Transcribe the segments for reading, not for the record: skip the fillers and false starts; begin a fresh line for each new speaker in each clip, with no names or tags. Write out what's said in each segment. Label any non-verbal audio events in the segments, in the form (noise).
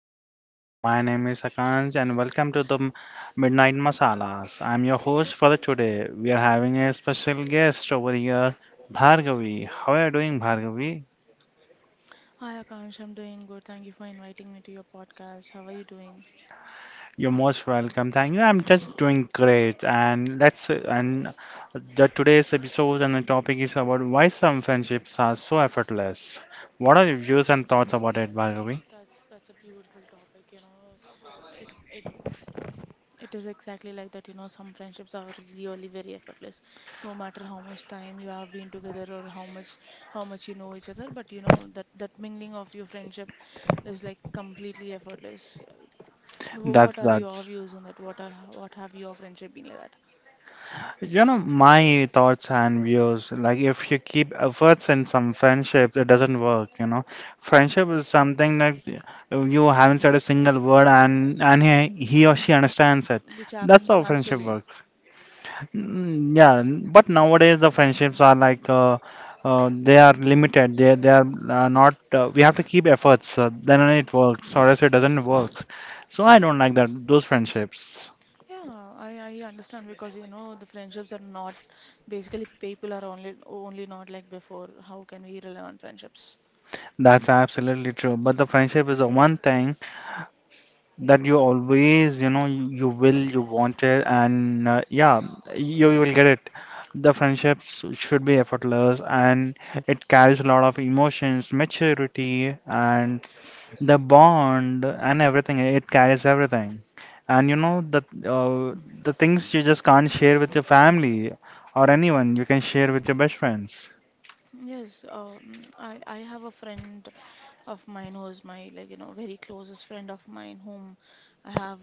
evening. My name is Akansh and welcome to the Midnight Masalas. I'm your host for the today. We are having a special guest over here, Bhargavi. How are you doing, Bhargavi?
Hi Akansh, I'm doing good. Thank you for inviting me to your podcast. How are you doing?
You're most welcome. Thank you. I'm just doing great. And the today's episode and the topic is about why some friendships are so effortless. What are your views and thoughts about it, Bhargavi?
That's a beautiful topic. It it it is exactly like that, some friendships are really very effortless. No matter how much time you have been together or how much you know each other, but you know that mingling of your friendship is like completely effortless. Wh-
That's
What are
that.
your views on that? What have your friendship been like that?
You know, my thoughts and views, like if you keep efforts in some friendships, it doesn't work, you know. Friendship is something that you haven't said a single word, and he or
Mm.
she understands it.
Which
That's
happens
how friendship
naturally.
works. Mm, yeah, but nowadays the friendships are like they are limited. They are not. We have to keep efforts. Then only it works, or else it doesn't work. So I don't like that those friendships.
Yeah, I understand because you know the friendships are not basically people are only not like before. How can we rely on friendships?
That's absolutely true. But the friendship is the one thing that you always, you know, you will you want it, and yeah, you will get it. The friendships should be effortless, and it carries a lot of emotions, maturity, and the bond and everything. It carries everything. And you know uh, the things you just can't share with your family or anyone, you can share with your best friends.
Yes, I have a friend of mine who's my like, very closest friend of mine, whom I have,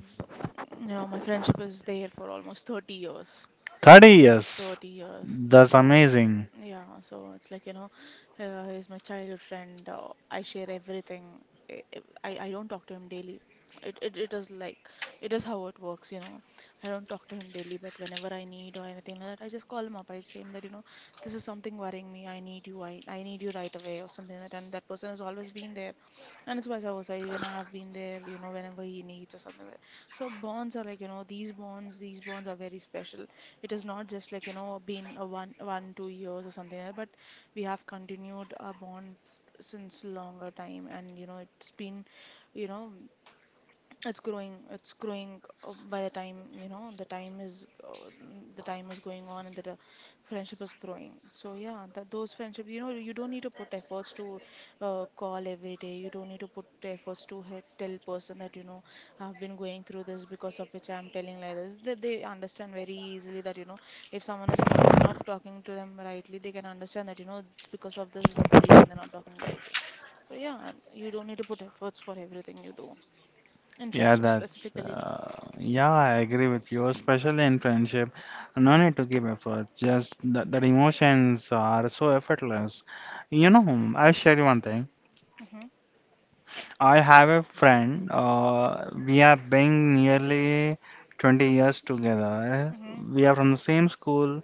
my friendship is there for almost 30 years.
30 years,
30 years.
that's
So
amazing.
yeah, so it's like, he's my childhood friend. I share everything. I, I don't talk to him daily. It is like it is how it works. I don't talk to him daily, but whenever I need or anything like that, I just call him up. I say him that, this is something worrying me. I need you. I need you right away or something like that. And that person has always been there. And it's vice versa. Even I have been there, whenever he needs or something like that. So bonds are like, these bonds are very special. It is not just like been a one two years or something like that, but we have continued our bond since longer time, and it's been, you know it's growing, by the time, the time is, the time is going on, and that the friendship is growing. So yeah, that those friendships, you don't need to put efforts to call every day. You don't need to put efforts to tell person that, I've been going through this, because of which I'm telling like this, that they understand very easily that, if someone is talking not talking to them rightly, they can understand that, it's because of this, that's the reason they're not talking rightly. So yeah, you don't need to put efforts for everything you do in
Yeah,
friendship specifically.
yeah, I agree with you, especially in friendship. No need to give effort, just that emotions are so effortless. You know, I'll share you one thing.
Mm-hmm.
I have a friend, we have been nearly 20 years together.
Mm-hmm.
We are from the same school,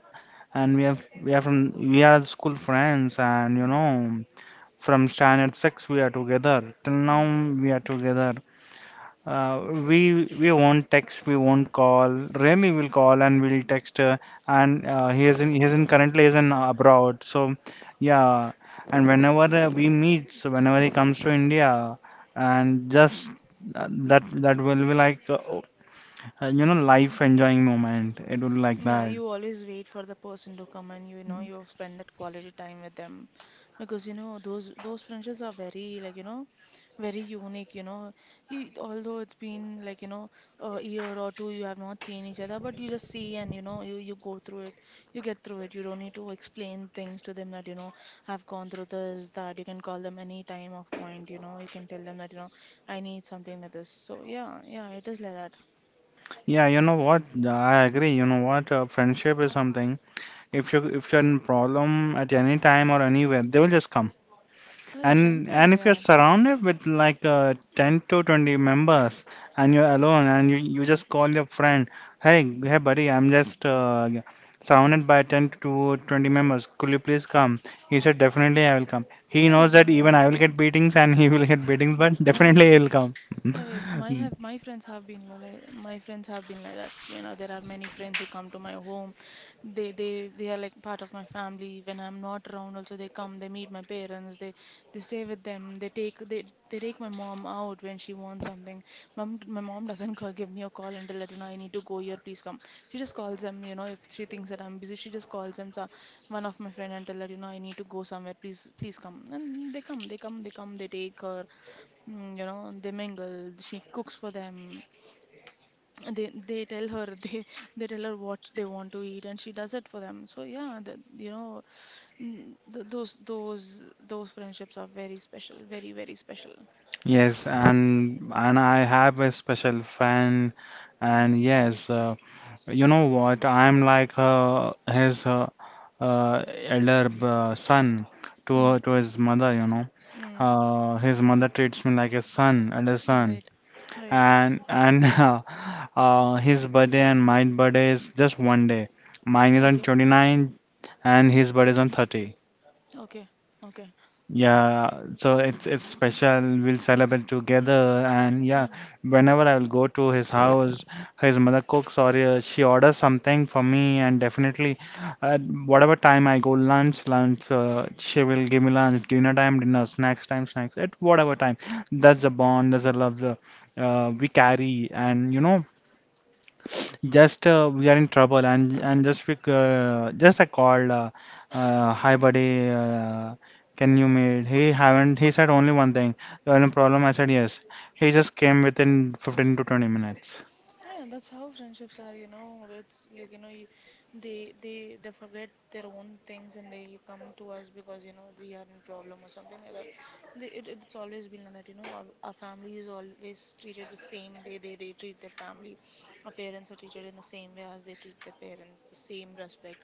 and we have we are from we are school friends, and you
Mm-hmm.
know, from standard six we are together. Till now
Mm.
we are together. We won't text, we won't call. Rarely we'll call and we'll text. And he is in currently is in abroad. So yeah, and whenever we meet, so whenever he comes to India, and just that will be like you know, life enjoying moment. It will be like
Yeah,
that.
you always wait for the person to come, and you spend that quality time with them, because those friendships are very, like, very unique, you know, although it's been like, a year or two, you have not seen each other, but you just see, and you go through it, you get through it. You don't need to explain things to them, that have gone through this, that you can call them any time of point, you can tell them that, I need something like this. So yeah, yeah, it is like that.
Yeah, you know what? Yeah, I agree. You know what? Friendship is something. If you if you're in problem at any time or anywhere, they will just come.
Right,
And
friends are
and
like
if you're
that.
surrounded with like 10 to 20 members, and you're alone, and you just call your friend, hey buddy, I'm just surrounded by 10 to 20 members. Could you please come? He said, definitely I will come. He knows that
Yeah.
even I will get beatings and (laughs) he will get beatings, but
Right,
definitely he will come.
right. My
(laughs)
have my friends have been li- like my friends have been like that. You know, there are many friends who come to my home. They are like part of my family. When I'm not around, also they come. They meet my parents. They stay with them. They take my mom out when she wants something. My mom doesn't (laughs) call, give me a call until that, I need to go here. Please come. She just calls them. If she thinks that I'm busy, she just calls them. So one of my friend until that, I need to go somewhere. Please come. And they come. They come. They come. They take her. They mingle, she cooks for them, they tell her (laughs) they tell her what they want to eat, and she does it for them. So yeah, that, you know mm, th those friendships are very special, very very special.
Yes, and I have a special friend, and
Mm-hmm.
yes, you know what? I'm like his. uh, elder son
Mm-hmm.
to his mother,
Mm-hmm.
you know.
Mm.
His mother treats me like a son, elder son,
Right. Right.
and (laughs) his birthday and my birthday is just one day. Mine is on
Okay.
29 and his birthday is on 30.
Okay. Okay.
Yeah, so it's special. We'll celebrate together, and yeah,
Mm.
whenever I will go to his house, his mother cooks, or she orders something for me, and definitely, at whatever time I go, lunch, lunch, she will give me lunch. Dinner time, dinner, snacks time, snacks. At whatever time, that's the bond, that's the love, we carry. And you know, just we are in trouble, and just we, c- just I called, hi buddy, can you meet? He haven't he said only one thing. You have a problem? I said yes. He just came within 15 to 20 minutes.
Yeah, that's how friendships are. It's like, you know, you, they forget their own things, and they come to us, because we are in problem or something like that. It's always been like that, our family is always treated the same way they treat their family. Our parents are treated in the same way as they treat their parents, the same respect.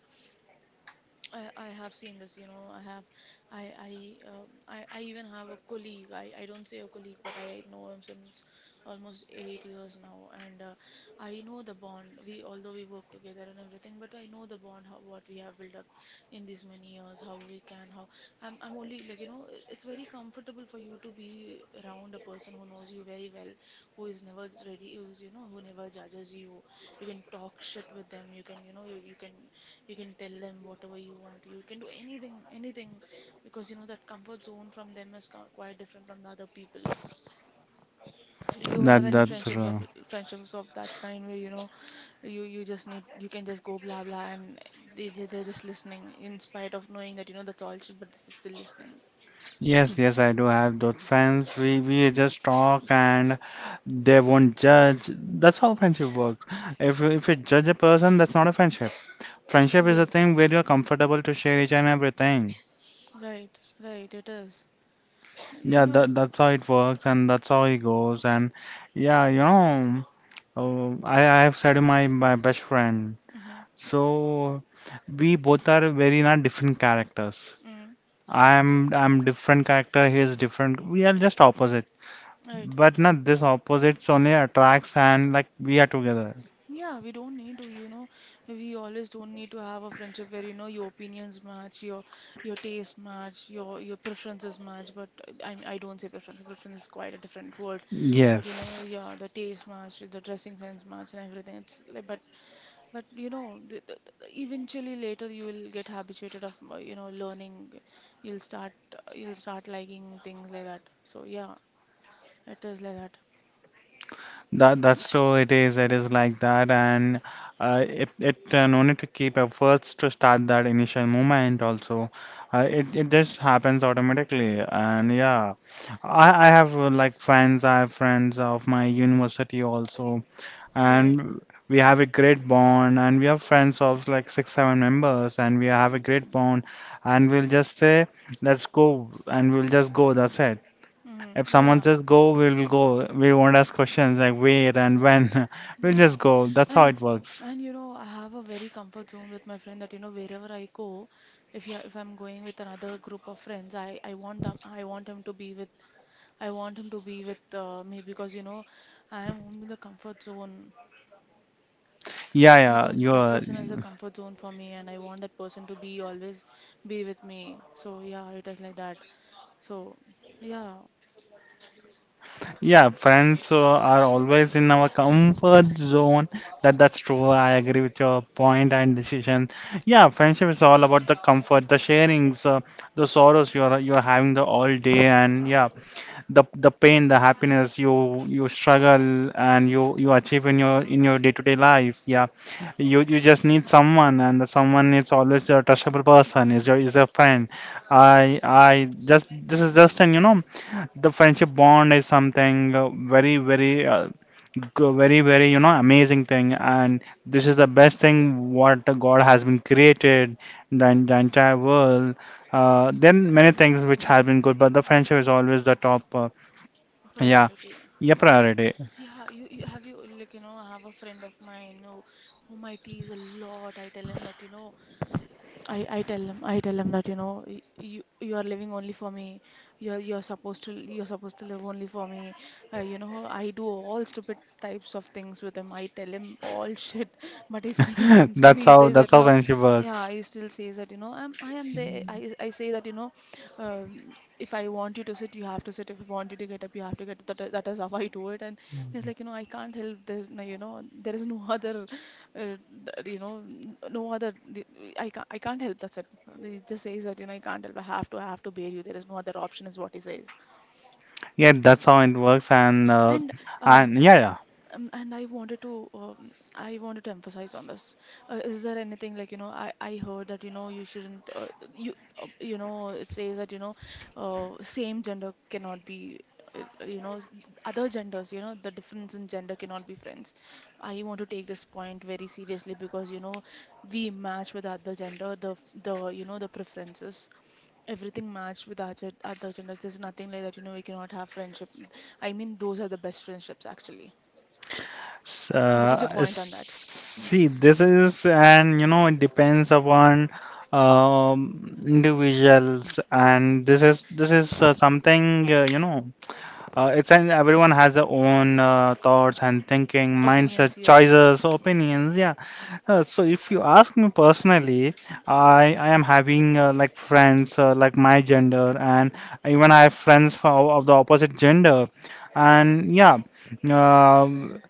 I have seen this. I even have a colleague. I don't say a colleague, but I know him since almost 8 years now, and I know the bond. We, although we work together and everything, but I know the bond, how what we have built up in these many years, how we can, how I'm only like, it's very comfortable for you to be around a person who knows you very well, who is never ready, who never judges you. You can talk shit with them. You can, you can. You can tell them whatever you want. You can do anything, anything, because you know that comfort zone from them is quite different from the other people. Do you
That
have any
that's
friendships of that kind where, you just need, you can just go blah blah, and they're just listening, in spite of knowing that, you know, that's all shit, but they're still listening.
Yes, I do have those friends. We just talk and they won't judge. That's how friendship works. If you judge a person, that's not a friendship. Friendship is a
Yes,
thing where you're comfortable to share each and everything.
right, right. It is. You
Yeah,
know.
that's how it works, and that's how it goes. And yeah, you know, I have said my my best friend. So we both are very not different characters.
Mm-hmm.
I'm different character. He is different. We are just opposite.
Right.
But not this, opposites only attracts, and like we are together.
Yeah, we don't need to, we always don't need to have a friendship where, your opinions match, your taste match, your preferences match. But I don't say preference. Preference is quite a different word. But,
Yes.
yeah, the taste match, the dressing sense match, and everything. It's like, but eventually later you will get habituated of, learning. You'll start liking things like that. So yeah, it is like that.
That's so it is, it is like that. And it it no need to keep efforts to start that initial movement also. It just happens automatically. And yeah, I have like friends I have friends of my university also,
Right.
and we have a great bond, and we have friends of like 6 7 members, and we have a great bond. And we'll just say, let's go, and we'll just go. That's it.
Mm-hmm.
If someone
Yeah.
says go, we'll go. We won't ask questions like where and when. (laughs) We'll
Yeah.
just go. That's how
And
it works.
and I have a very comfort zone with my friend that, wherever I go, if I'm going with another group of friends, I want him to be with me, because, I am only the comfort zone,
Yeah, yeah,
because that
you're,
person is the comfort zone for me, and I want that person to be always be with me. So yeah, it is like that. So yeah.
yeah, friends are always in our comfort zone. That's true. I agree with your point and decision. Yeah, friendship is all about the comfort, the sharings, the sorrows you're having the all day, and yeah, the pain, the happiness you struggle and you achieve in your day-to-day life. Yeah, you just need someone, and the someone is always a trustable person. Is a friend. I just this is just an You know, the friendship bond is something very very, you know, amazing thing. And this is the best thing what god has been created. The entire world, then many things which have been good, but the friendship is always the top. Yeah,
Priority.
yeah,
Yeah.
priority.
Yeah, you have you like you know, I have a friend of mine whom I tease a lot. I tell him that, I tell him that, you are living only for me, you're supposed to live only for me. I do all stupid types of things with him. I tell him all shit (laughs) but he still (laughs)
(laughs)
listens to
That's
me, he
how,
says
that's
that
how
no,
friendship
yeah,
works.
he still says that, I am there. I say that, uh, if I want you to sit, you have to sit. If I want you to get up, you have to get up. That is how I do it, and he's like, I can't help this, no, there is no (laughs) other, uh, no other, I can't, I can't help, that's it. He just says that, I can't help, I have to bear you, there is no other option, is what he says,
Yeah, that's how it works. And
and um,
yeah, yeah.
and I wanted to emphasize on this. Is there anything like, I heard that, you shouldn't, you it says that, same gender cannot be, uh, uh, you know s- other genders, the difference in gender cannot be friends. I want to take this point very seriously, because, we match with other gender, the f- the you know the preferences, everything matched with other genders. There's nothing like that, we cannot have friendship. I mean, those are the best friendships actually. What is your point on that?
See, this is, and you know, it depends upon individuals. And this is something, you know, it's an everyone has their own thoughts and thinking, mindset,
Opinions, yes.
choices, opinions. Yeah. So if you ask me personally, I am having friends like my gender, and even I have friends for, of the opposite gender, and yeah, um,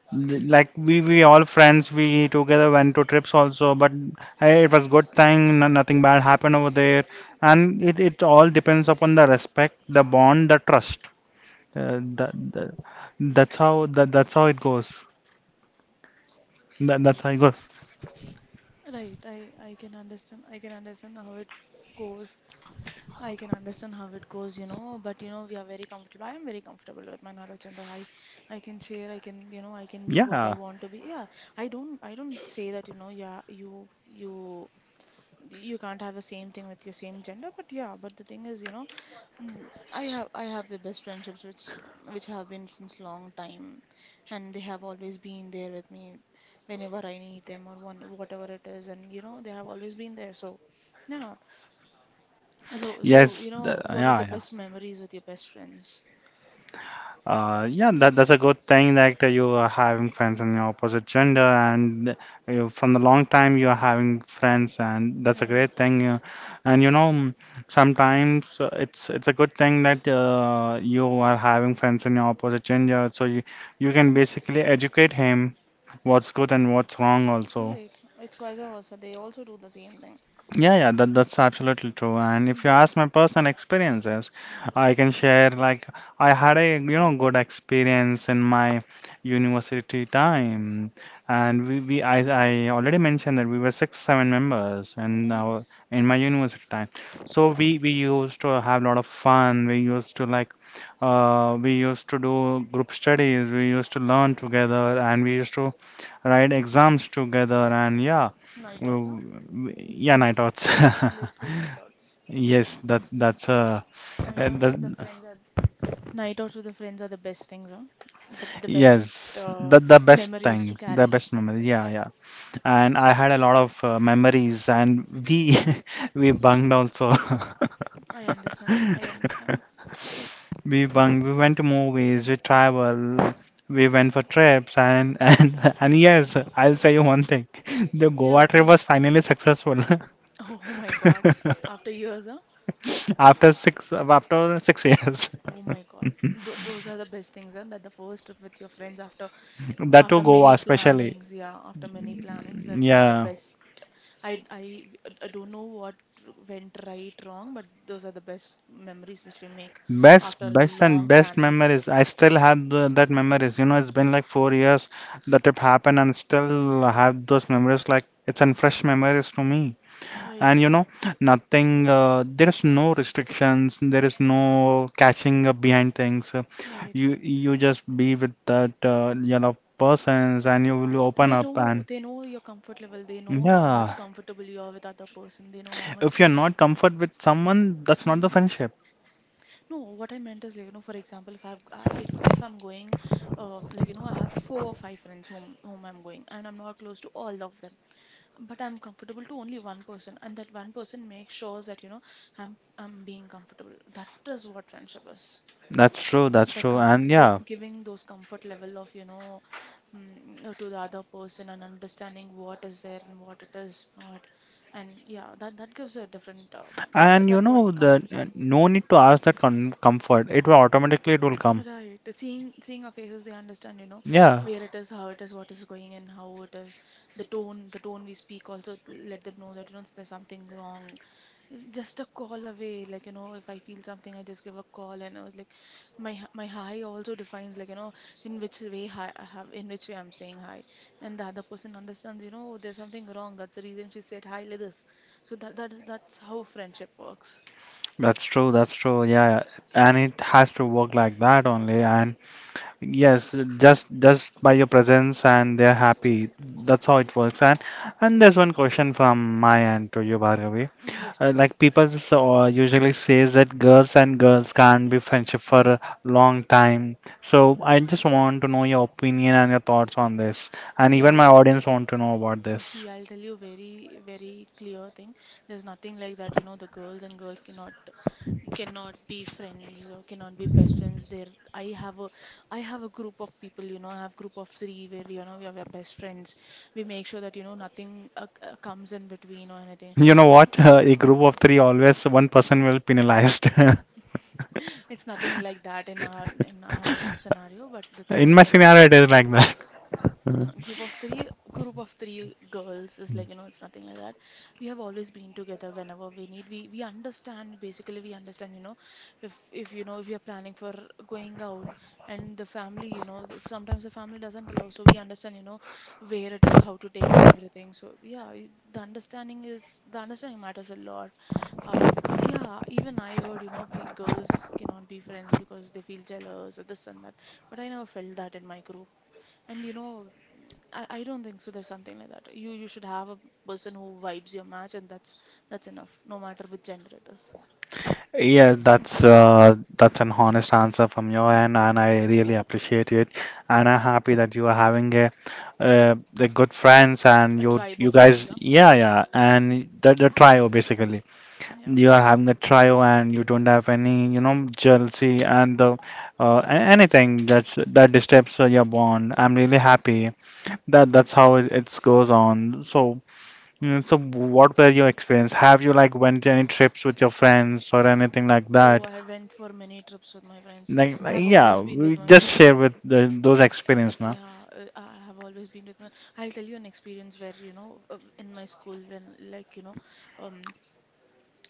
like we all friends. We together went to trips also. But hey, it was good thing. No, nothing bad happened over there. And it all depends upon the respect, the bond, the trust. That that's how, that's how it goes. That's how it goes.
Right, I can understand. I can understand how it goes. I can understand how it goes. But, we are very comfortable. I am very comfortable with my another gender. I can share. I can. I can be what I
Yeah.
want to be. Yeah, I don't. I don't say that. Yeah, you you can't have the same thing with your same gender, but yeah, but the thing is, mm, I have I have the best friendships which have been since long time, and they have always been there with me whenever I need them, or one whatever it is, and you know they have always been there. So yeah. So, you
Yes.
know, what are the best memories with your best friends?
Yeah, that's a good thing that you are having friends in your opposite gender. And you, from the long time you are having friends, and that's a
Right.
great thing. And you know, sometimes it's a good thing that you are having friends in your opposite gender, so you can basically educate him what's good and what's wrong also.
Right. It's vice versa, they also do the same thing.
Yeah, yeah, that's absolutely true. And if you
Bu-
ask my personal experiences, I can share like I had a, you know, good experience in my university time. And we I already mentioned that we were 6 7 members in our
Nice.
in my university time. So we used to have a lot of fun. We used to like, we used to do group studies. We used to learn together, and we used to write exams together. And yeah,
Night outs, huh?
w- yeah, night outs.
Basically night outs.
(laughs) Yes, that's a
Night outs
that,
with the friends are Night outs with the friends are the best things, huh? The best
yes,
uh,
that the best
memories to
thing, the
carry.
best memory. Yeah, yeah. And I had a lot of memories, and we (laughs) we bunged also.
I understand. I understand.
(laughs) we bung we went to movies, we travel, we went for trips, and (laughs) and yes, I'll tell you one thing. (laughs) The
Yeah,
Goa trip
please.
was
(laughs)
finally successful.
Oh my God.
(laughs)
After years, huh?
(laughs) After 6 years,
Oh my God. Th those are the best things, huh? That the first trip with your friends after
(laughs) that to
after many
Goa especially.
plannings, yeah, after many plannings, that's the
Yeah,
best. I I I don't know what went right, wrong, but those are the best memories which we make
best,
after
best and
long
best
plannings.
memories. I still have that memories. You know, it's been like 4 years the trip happened, and still have those memories. Like it's an fresh memories to me.
Right,
And you know, nothing. There is no restrictions. There is no catching up behind things.
right.
You you just be with that your love persons, and you will open
They
up.
know,
And
they know your comfort level. They know how much
yeah,
comfortable you are with other person. They know how much.
if you're not comfort with someone, that's not the
Mm,
friendship.
no, what I meant is, like, you know, for example, if I'm going, like, you know, I have four or five friends whom I'm going, and I'm not close to all of them, but I'm comfortable to only one person, and that one person makes sure that, you know, I'm being comfortable. That is what friendship is.
That's true, that's
the
true.
com
And
them
yeah,
giving those comfort level of, you know, to the other person, and understanding what is there and what it is not, and yeah, that gives a different
and
th
you
that what
know, the
comfort
no need to ask that comfort. It will automatically, it will come.
right. Seeing our faces, they understand, you know,
Yeah,
where it is, how it is, what is going, and how it is. The tone we speak also let them know that, you know, there's something wrong. Just a call away, like, you know, if I feel something, I just give a call, and I was like, my hi also defines, like, you know, in which way hi I have, in which way I'm saying hi, and the other person understands, you know, oh, there's something wrong. That's the reason she said hi like this. So that's how friendship works.
that's true, that's true. Yeah, yeah, and it has to work like that only. And yes, just by your presence and they're happy. That's how it works. And there's one question from my end to you, Bhargavi.
Yes, please.
Like people usually says that girls and girls can't be friendship for a long time. So I just want to know your opinion and your thoughts on this, and
See,
even my
I'll.
audience want to know about this.
See, I'll tell you very, very clear thing. There's nothing like that, you know, the girls and girls cannot be friends or cannot be best friends. There I have a I have a group of people, you know, I have group of three where, you know, we are our best friends. We make sure that, you know, nothing comes in between or anything.
(laughs) You know what? (laughs) A group of three always one person will penalized.
It's nothing like that in our scenario, but the
(laughs)
thing
In
is,
my
you know.
scenario, it is like that.
Group of three girls is like, you know, it's nothing like that. We have always been together, whenever we need we understand. Basically we understand, you know, if you know, if you're planning for going out, and the family, you know, sometimes the family doesn't allow, so we understand, you know, where it is, how to take and everything, so yeah. The understanding matters a lot. Yeah, even I heard, you know, pe girls cannot be friends because they feel jealous or this and that, but I never felt that in my group. And you know, I don't think so. There's something like that. You should have a person who vibes your match, and that's enough, no matter which gender it is.
Yes, that's an honest answer from your end, and I really appreciate it. And I'm happy that you are having a, the good friends and
A
you
tribe
you
of
guys,
friends, huh?
yeah, yeah, and the trio basically.
Yeah.
You are having a trio, and you don't have any, you know, jealousy and the anything that's that disturbs your bond. I'm really happy that that's how it goes on. So. So what were your experience? Have you like went any trips with your friends or anything like
Oh,
that?
I went for many trips with my friends.
Like,
I've always
yeah,
been with
we
my
just share
friends.
with the, those experience now.
Yeah, I have always been with my. I'll tell you an experience where, you know, in my school when, like, you know, um,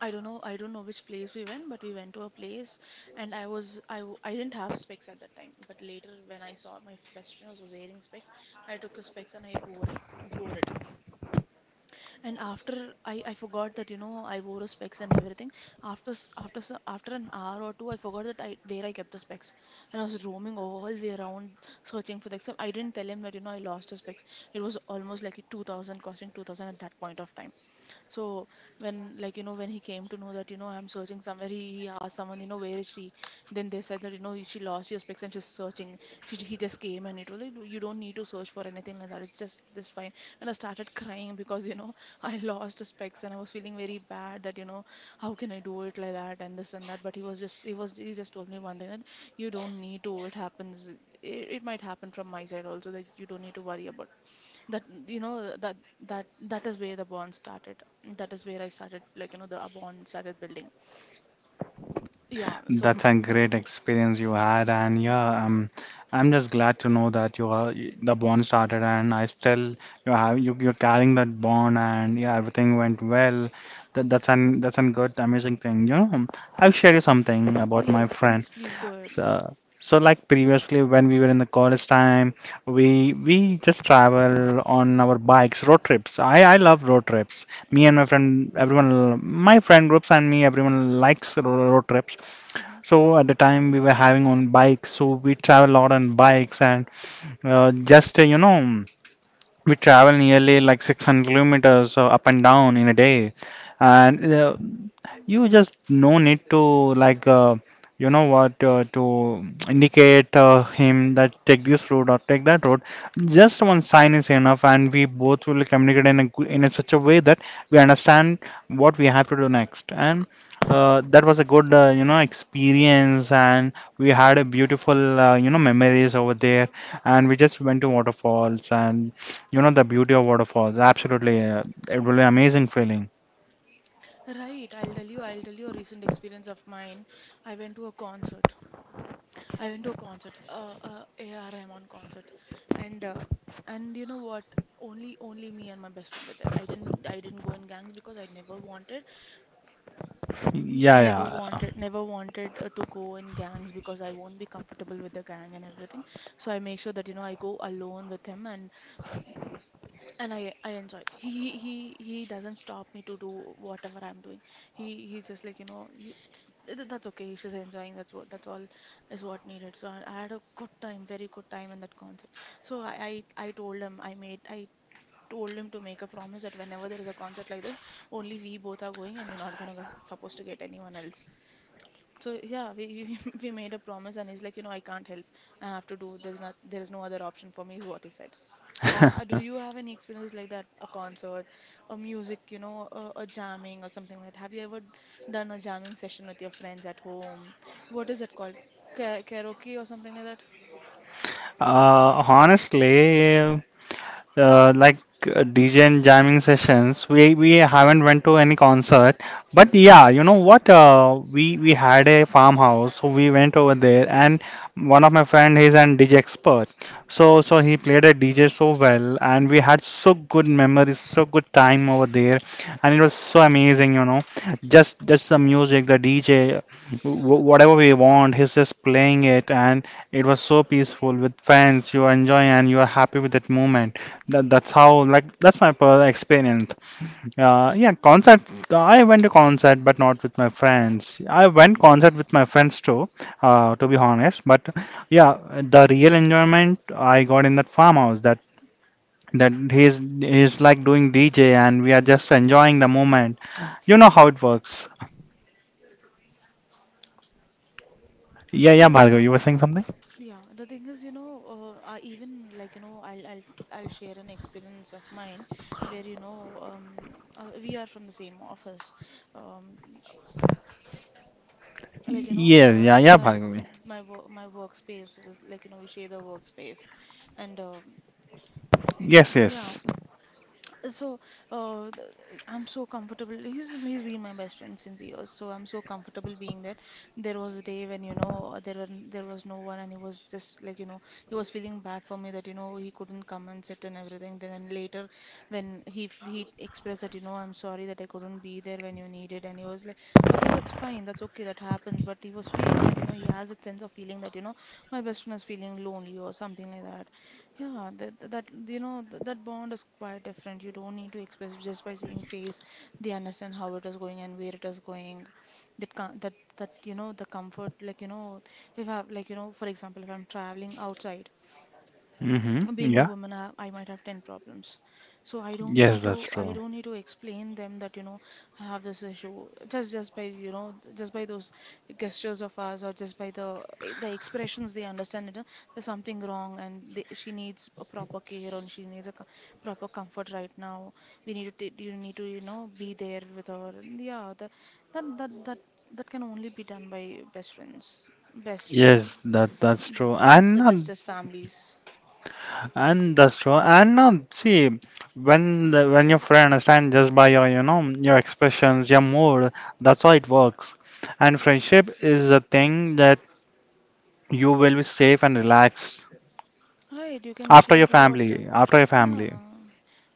I don't know which place we went, but we went to a place, and I was I w- I didn't have specs at that time, but later when I saw my best friend was wearing specs, I took his specs and I wore him, wore it. And after I forgot that, you know, I wore his specs and everything. After an hour or two, I forgot that I where I kept the specs, and I was roaming all way around searching for the specs. I didn't tell him that, you know, I lost the specs. It was almost like a 2000, costing 2000 at that point of time. So when, like, you know, when he came to know that, you know, I'm searching somewhere, he asked someone, you know, where is she? Then they said that, you know, she lost her specs and she's searching. She, he just came, and it was like, you don't need to search for anything like that. It's just this fine. And I started crying because, you know, (laughs) I lost the specs, and I was feeling very bad that, you know, how can I do it like that, and this and that. But he was just he was he just told me one thing, that you don't need to. It happens. It might happen from my side also, that you don't need to worry about that, you know, that is where the bond started. That is where I started, like, you know, the bond started building, yeah. So
That's a
mm,
great experience you had, and
yeah.
yeah, I'm just glad to know that you are the bond started, and I still you have you're carrying that bond, and yeah, everything went well. That's an good amazing thing. You know, I'll share you something about my
Yes,
friend.
please, please go ahead.
So like previously when we were in the college time, we just travel on our bikes, road trips. I love road trips. Me
Hmm.
and my friend, everyone, my friend groups and me, everyone likes road trips.
Hmm.
So at the time we were having on bikes, so we travel a lot on bikes and just you know we travel nearly like 600 kilometers up and down in a day. And you just no need to like uh, you know what to indicate him that take this road or take that road. Just one sign is enough, and we both will communicate in a in a such a way that we understand what we have to do next. And that was a good you know experience, and we had a beautiful you know memories over there. And we just went to waterfalls, and you know the beauty of waterfalls. Absolutely, it will be amazing feeling.
Right, I'll tell you a recent experience of mine. I went to a concert. I went to a concert, AR Rahman concert, and uh, and you know what? Only me and my best friend were there. I didn't go in gangs because I never wanted. Never
Yeah,
wanted, never wanted to go in gangs because I won't be comfortable with the gang and everything. So I make sure that, you know, I go alone with him, and I enjoy. He doesn't stop me to do whatever I'm doing. He he's just like, you know, you, (tsk) that's okay. She's enjoying. That's what, that's all is what needed. So I had a good time, very good time in that concert. So I told him to make a promise that whenever there is a concert like this, only we both are going, and you're not gonna supposed to get anyone else. So yeah, we (laughs) we made a promise, and he's like, you know, I can't help. I have to do. There's not. There is no other option for me. Is what he said. Ha,
yeah.
ha, do
(laughs)
you have any experiences like that? A concert, a music, you know, a jamming or something like that. Have you ever done a jamming session with your friends at home? What is that called? Karaoke or something like that?
Honestly, uh, like DJ and jamming sessions. We haven't went to any concert, but yeah, you know what? We had a farmhouse, so we went over there, and one of my friend he's an DJ expert, so he played a DJ so well, and we had so good memories, so good time over there, and it was so amazing, you know, just the music, the DJ, whatever we want, he's just playing it, and it was so peaceful with friends. You are enjoying and you are happy with that moment. That's how like that's my personal experience. Yeah, concert. I went to concert, but not with my friends. I went concert with my friends too, to be honest. But yeah, the real enjoyment I got in that farmhouse. That that he's like doing DJ, and we are just enjoying the moment. You know how it works. Yeah, yeah, Bhargav,
Yeah,
you were saying something?
yeah. The thing is, you know, I even, like, you know, I'll share an experience of mine where, you know, we are from the same office. Um, like, you know,
Yes, yeah, yeah,
like with
Bhargavi.
my work, my workspace is like, you know, we share the workspace, and
Yes,
yeah.
yes.
So, I'm so comfortable. He's been my best friend since years, so I'm so comfortable being that. There was a day when, you know, there was no one, and he was just like, you know, he was feeling bad for me that, you know, he couldn't come and sit and everything. Then later, when he expressed that, you know, I'm sorry that I couldn't be there when you needed, and he was like, I was like, that's fine, that's okay, that happens. But he was feeling that, you know, he has a sense of feeling that, you know, my best friend is feeling lonely or something like that. Yeah, that that that, you know that, that bond is quite different. You don't need to express just by seeing face. They understand how it is going and where it is going. That com that that you know the comfort, if I for example, if I'm traveling outside,
Mm-hmm.
being a
Yeah.
woman, I might have 10 problems. So
Yes, that's
I
true.
don't need to explain them that I have this issue, just by those gestures of ours, or just by the expressions. They understand that there's something wrong, and she needs a proper care, or she needs proper comfort right now. We need to t- you need to be there with her. And yeah, that that that, that can only be done by best friends, best
Yes,
friends,
that that's true. And
the bestest families.
and that's true. And now, see, when when your friend understand just by your, you know, your expressions, your mood, that's how it works. And friendship is a thing that you will be safe and relaxed
Right, you can
after
share
your
what,
family, after your family.
Yeah.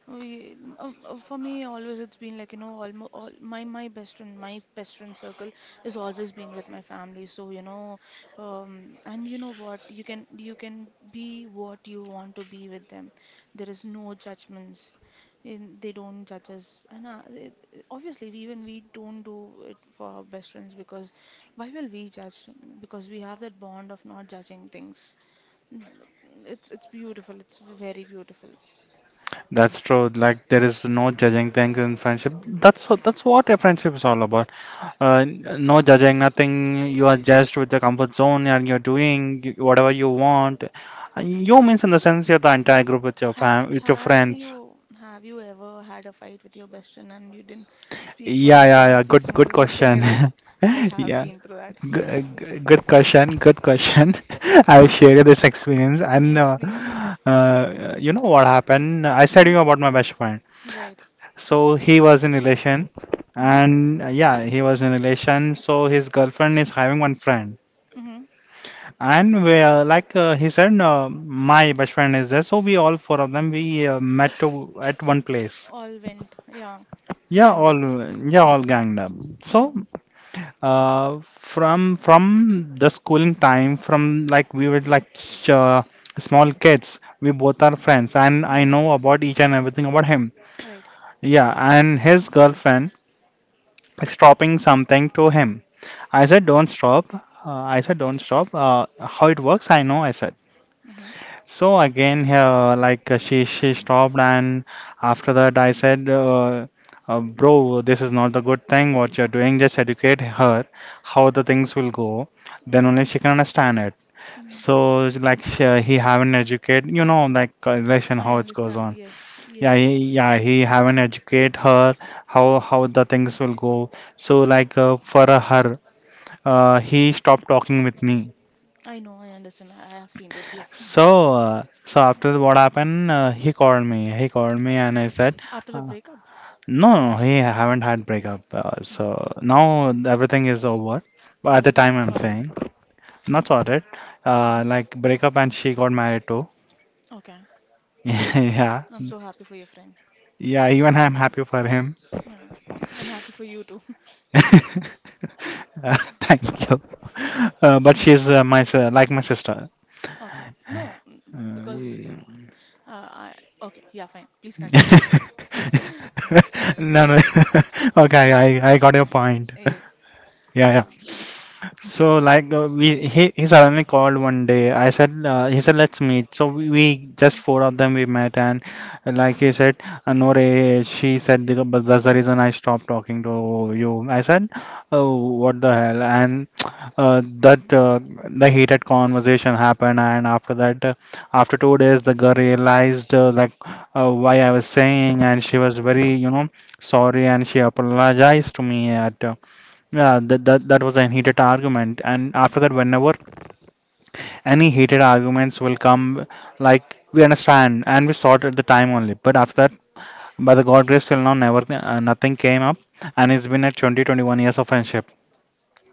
For me, always it's been all my best friend circle has always been with my family. So, and you know what, you can be what you want to be with them. There is no judgments. They don't judge us. And obviously, even we don't do it for our best friends, because why will we judge? Because we have that bond of not judging things. Mm, it's beautiful. It's very beautiful.
That's true. Like there is no judging things in friendship. That's what a friendship is all about. No judging, nothing. You are just with your comfort zone and you're doing whatever you want. And you means in the sense you're the entire group with your
Have
fam, with your
have
friends.
you have you ever had a fight with your best friend and you didn't speak for
Yeah, yeah, yeah. Good,
6 months
good
or something
question.
like that? I
(laughs)
have
Yeah,
been through that.
good, good question. Good question. (laughs) I will share you this experience. And
Yes, please.
you know what happened? I said
Hmm.
you about my best friend.
Right.
So he was in relation,
Mm-hmm.
and yeah, he was in relation. So his girlfriend is having one friend,
Mm-hmm.
and we like he said, my best friend is there. So we all four of them we met to, at one place.
All went, yeah,
Yeah,
ganged up.
all yeah, all ganged up. So
Mm,
From the schooling time, from like we were like small kids, we both are friends, and I
mm-hmm.
know about each and everything about him.
Right.
Yeah, and his girlfriend is dropping something to him. I said, "Don't stop." I said, "Don't stop." How it works, I know. I said.
Mm-hmm.
So again here, she stopped, and after that I said, "Bro, this is not the good thing what you're doing. Just educate her how the things will go. Then
Mm-hmm.
only she can understand it."
Mm-hmm.
So like she, he haven't educate, you know, relation
I
how it goes
understand.
on.
Yes.
Yeah,
Yes.
he haven't educate her how the things will go. So like for her, he stopped talking with me.
I know. I understand. I have seen this. Yes.
So, so after what happened, he called me. He called me and I said,
After a
uh,
breakup.
no, no, he haven't had breakup.
Mm-hmm.
So now everything is over. But at the
All
time, I'm
sorted.
saying not sorted.
Mhm.
Like breakup and she got married too.
Okay.
(laughs) Yeah,
I'm so happy for your friend.
yeah. Even I'm happy for him.
Yeah. And happy for you too.
(laughs) Thank you.
(laughs)
But she's my si- like my sister.
Okay. No, because
Yeah.
I. Okay. Yeah, fine. Please continue.
(laughs) No, no. (laughs) Okay, I got your point.
Yes.
Yeah, yeah.
Yeah.
So he suddenly called one day. I said he said let's meet. So we just four of them we met and he said no Ray, she said "The- but that's the reason I stopped talking to you. I said oh what the hell and that the heated conversation happened and after that after 2 days the girl realized why I was saying and she was very you know sorry and she apologized to me at. Yeah, that that was a heated argument, and after that, whenever any heated arguments will come, like we understand and we sort at the time only. But after that, by the God grace till now, never nothing came up, and it's been at 20, 21 years of friendship.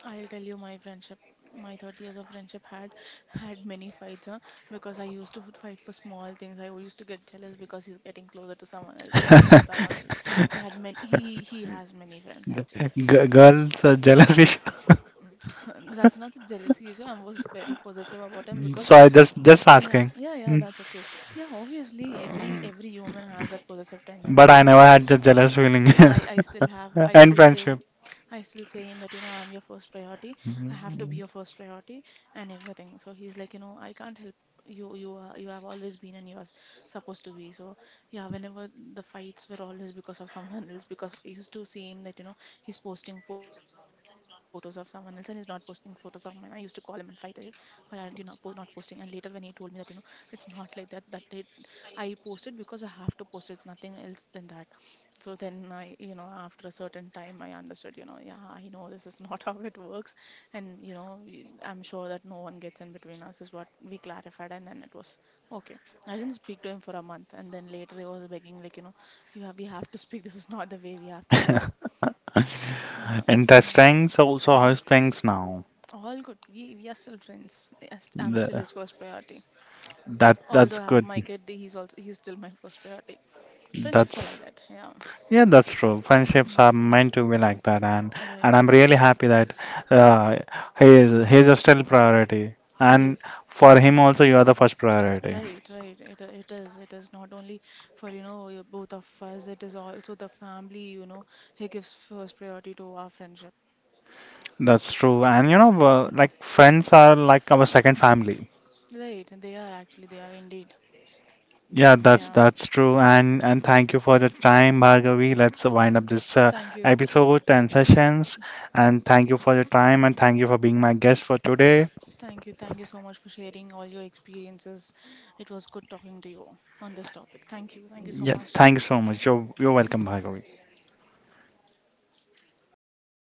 I'll tell you my friendship. My 30 years of friendship had had many fights, huh? Because I used to fight for small things. I used to get jealous because he's getting closer to someone else. He's
(laughs)
talking to someone else. He had many. He has many friends actually.
Girls are jealous issue. (laughs)
(laughs) That's not a jealousy issue. I was very possessive about him, because
So I just
yeah,
asking,
yeah, yeah,
mm,
that's okay. Yeah, obviously every human has that possessive
but I
tendency.
never had the jealous feeling
I I still have
(laughs)
I
and
still say
friendship.
I still say him that, I'm your first priority. I have to be your first priority and everything. So he's like, I can't help you. You are, you have always been and you are supposed to be. So yeah, whenever the fights were always because of someone else, because I used to see him that, he's posting photos of someone else, and he's not posting photos of mine. I used to call him and fight it. Why are you not posting? And later when he told me that, it's not like that, I posted because I have to post it. It's nothing else than that. So then after a certain time, I understood, yeah, I know this is (laughs) not how it works. And, I'm sure that no one gets in between us, is what we clarified. And then it was okay. I didn't speak to him for a month. And then later he was begging, like, we have to speak. This is not the way we have to do it. Yeah.
(laughs)
Mm,
Interesting. So so
yeah.
how's things now?
All good. We are still friends. Yes, I'm still
The,
his first priority.
that that's
Although I have
good.
my kid, he's still my first priority. Friendships are
That's
like that. Yeah.
yeah, that's true. Friendships are
Mm,
meant to be like that,
mm.
and
Right.
I'm really happy that uh, he's a still priority, and
Yes.
for him also you are the first priority.
Right, right. It is. It is not only for, both of us, it is also the family, he gives first priority to our friendship.
That's true, and you know, like friends are like our second family.
Right, and they are actually, they are indeed.
Yeah,
Yeah.
that's true, and thank you for the time, Bhargavi. Let's wind up
Thank you.
this
Thank you.
episode and sessions, and thank you for your time, and thank you for being my guest for today.
Thank you. Thank you so much for sharing all your experiences. It was good talking to you on this topic. Thank you. Thank you so
Yeah,
much.
thank you so much. You're welcome, Bhargavi.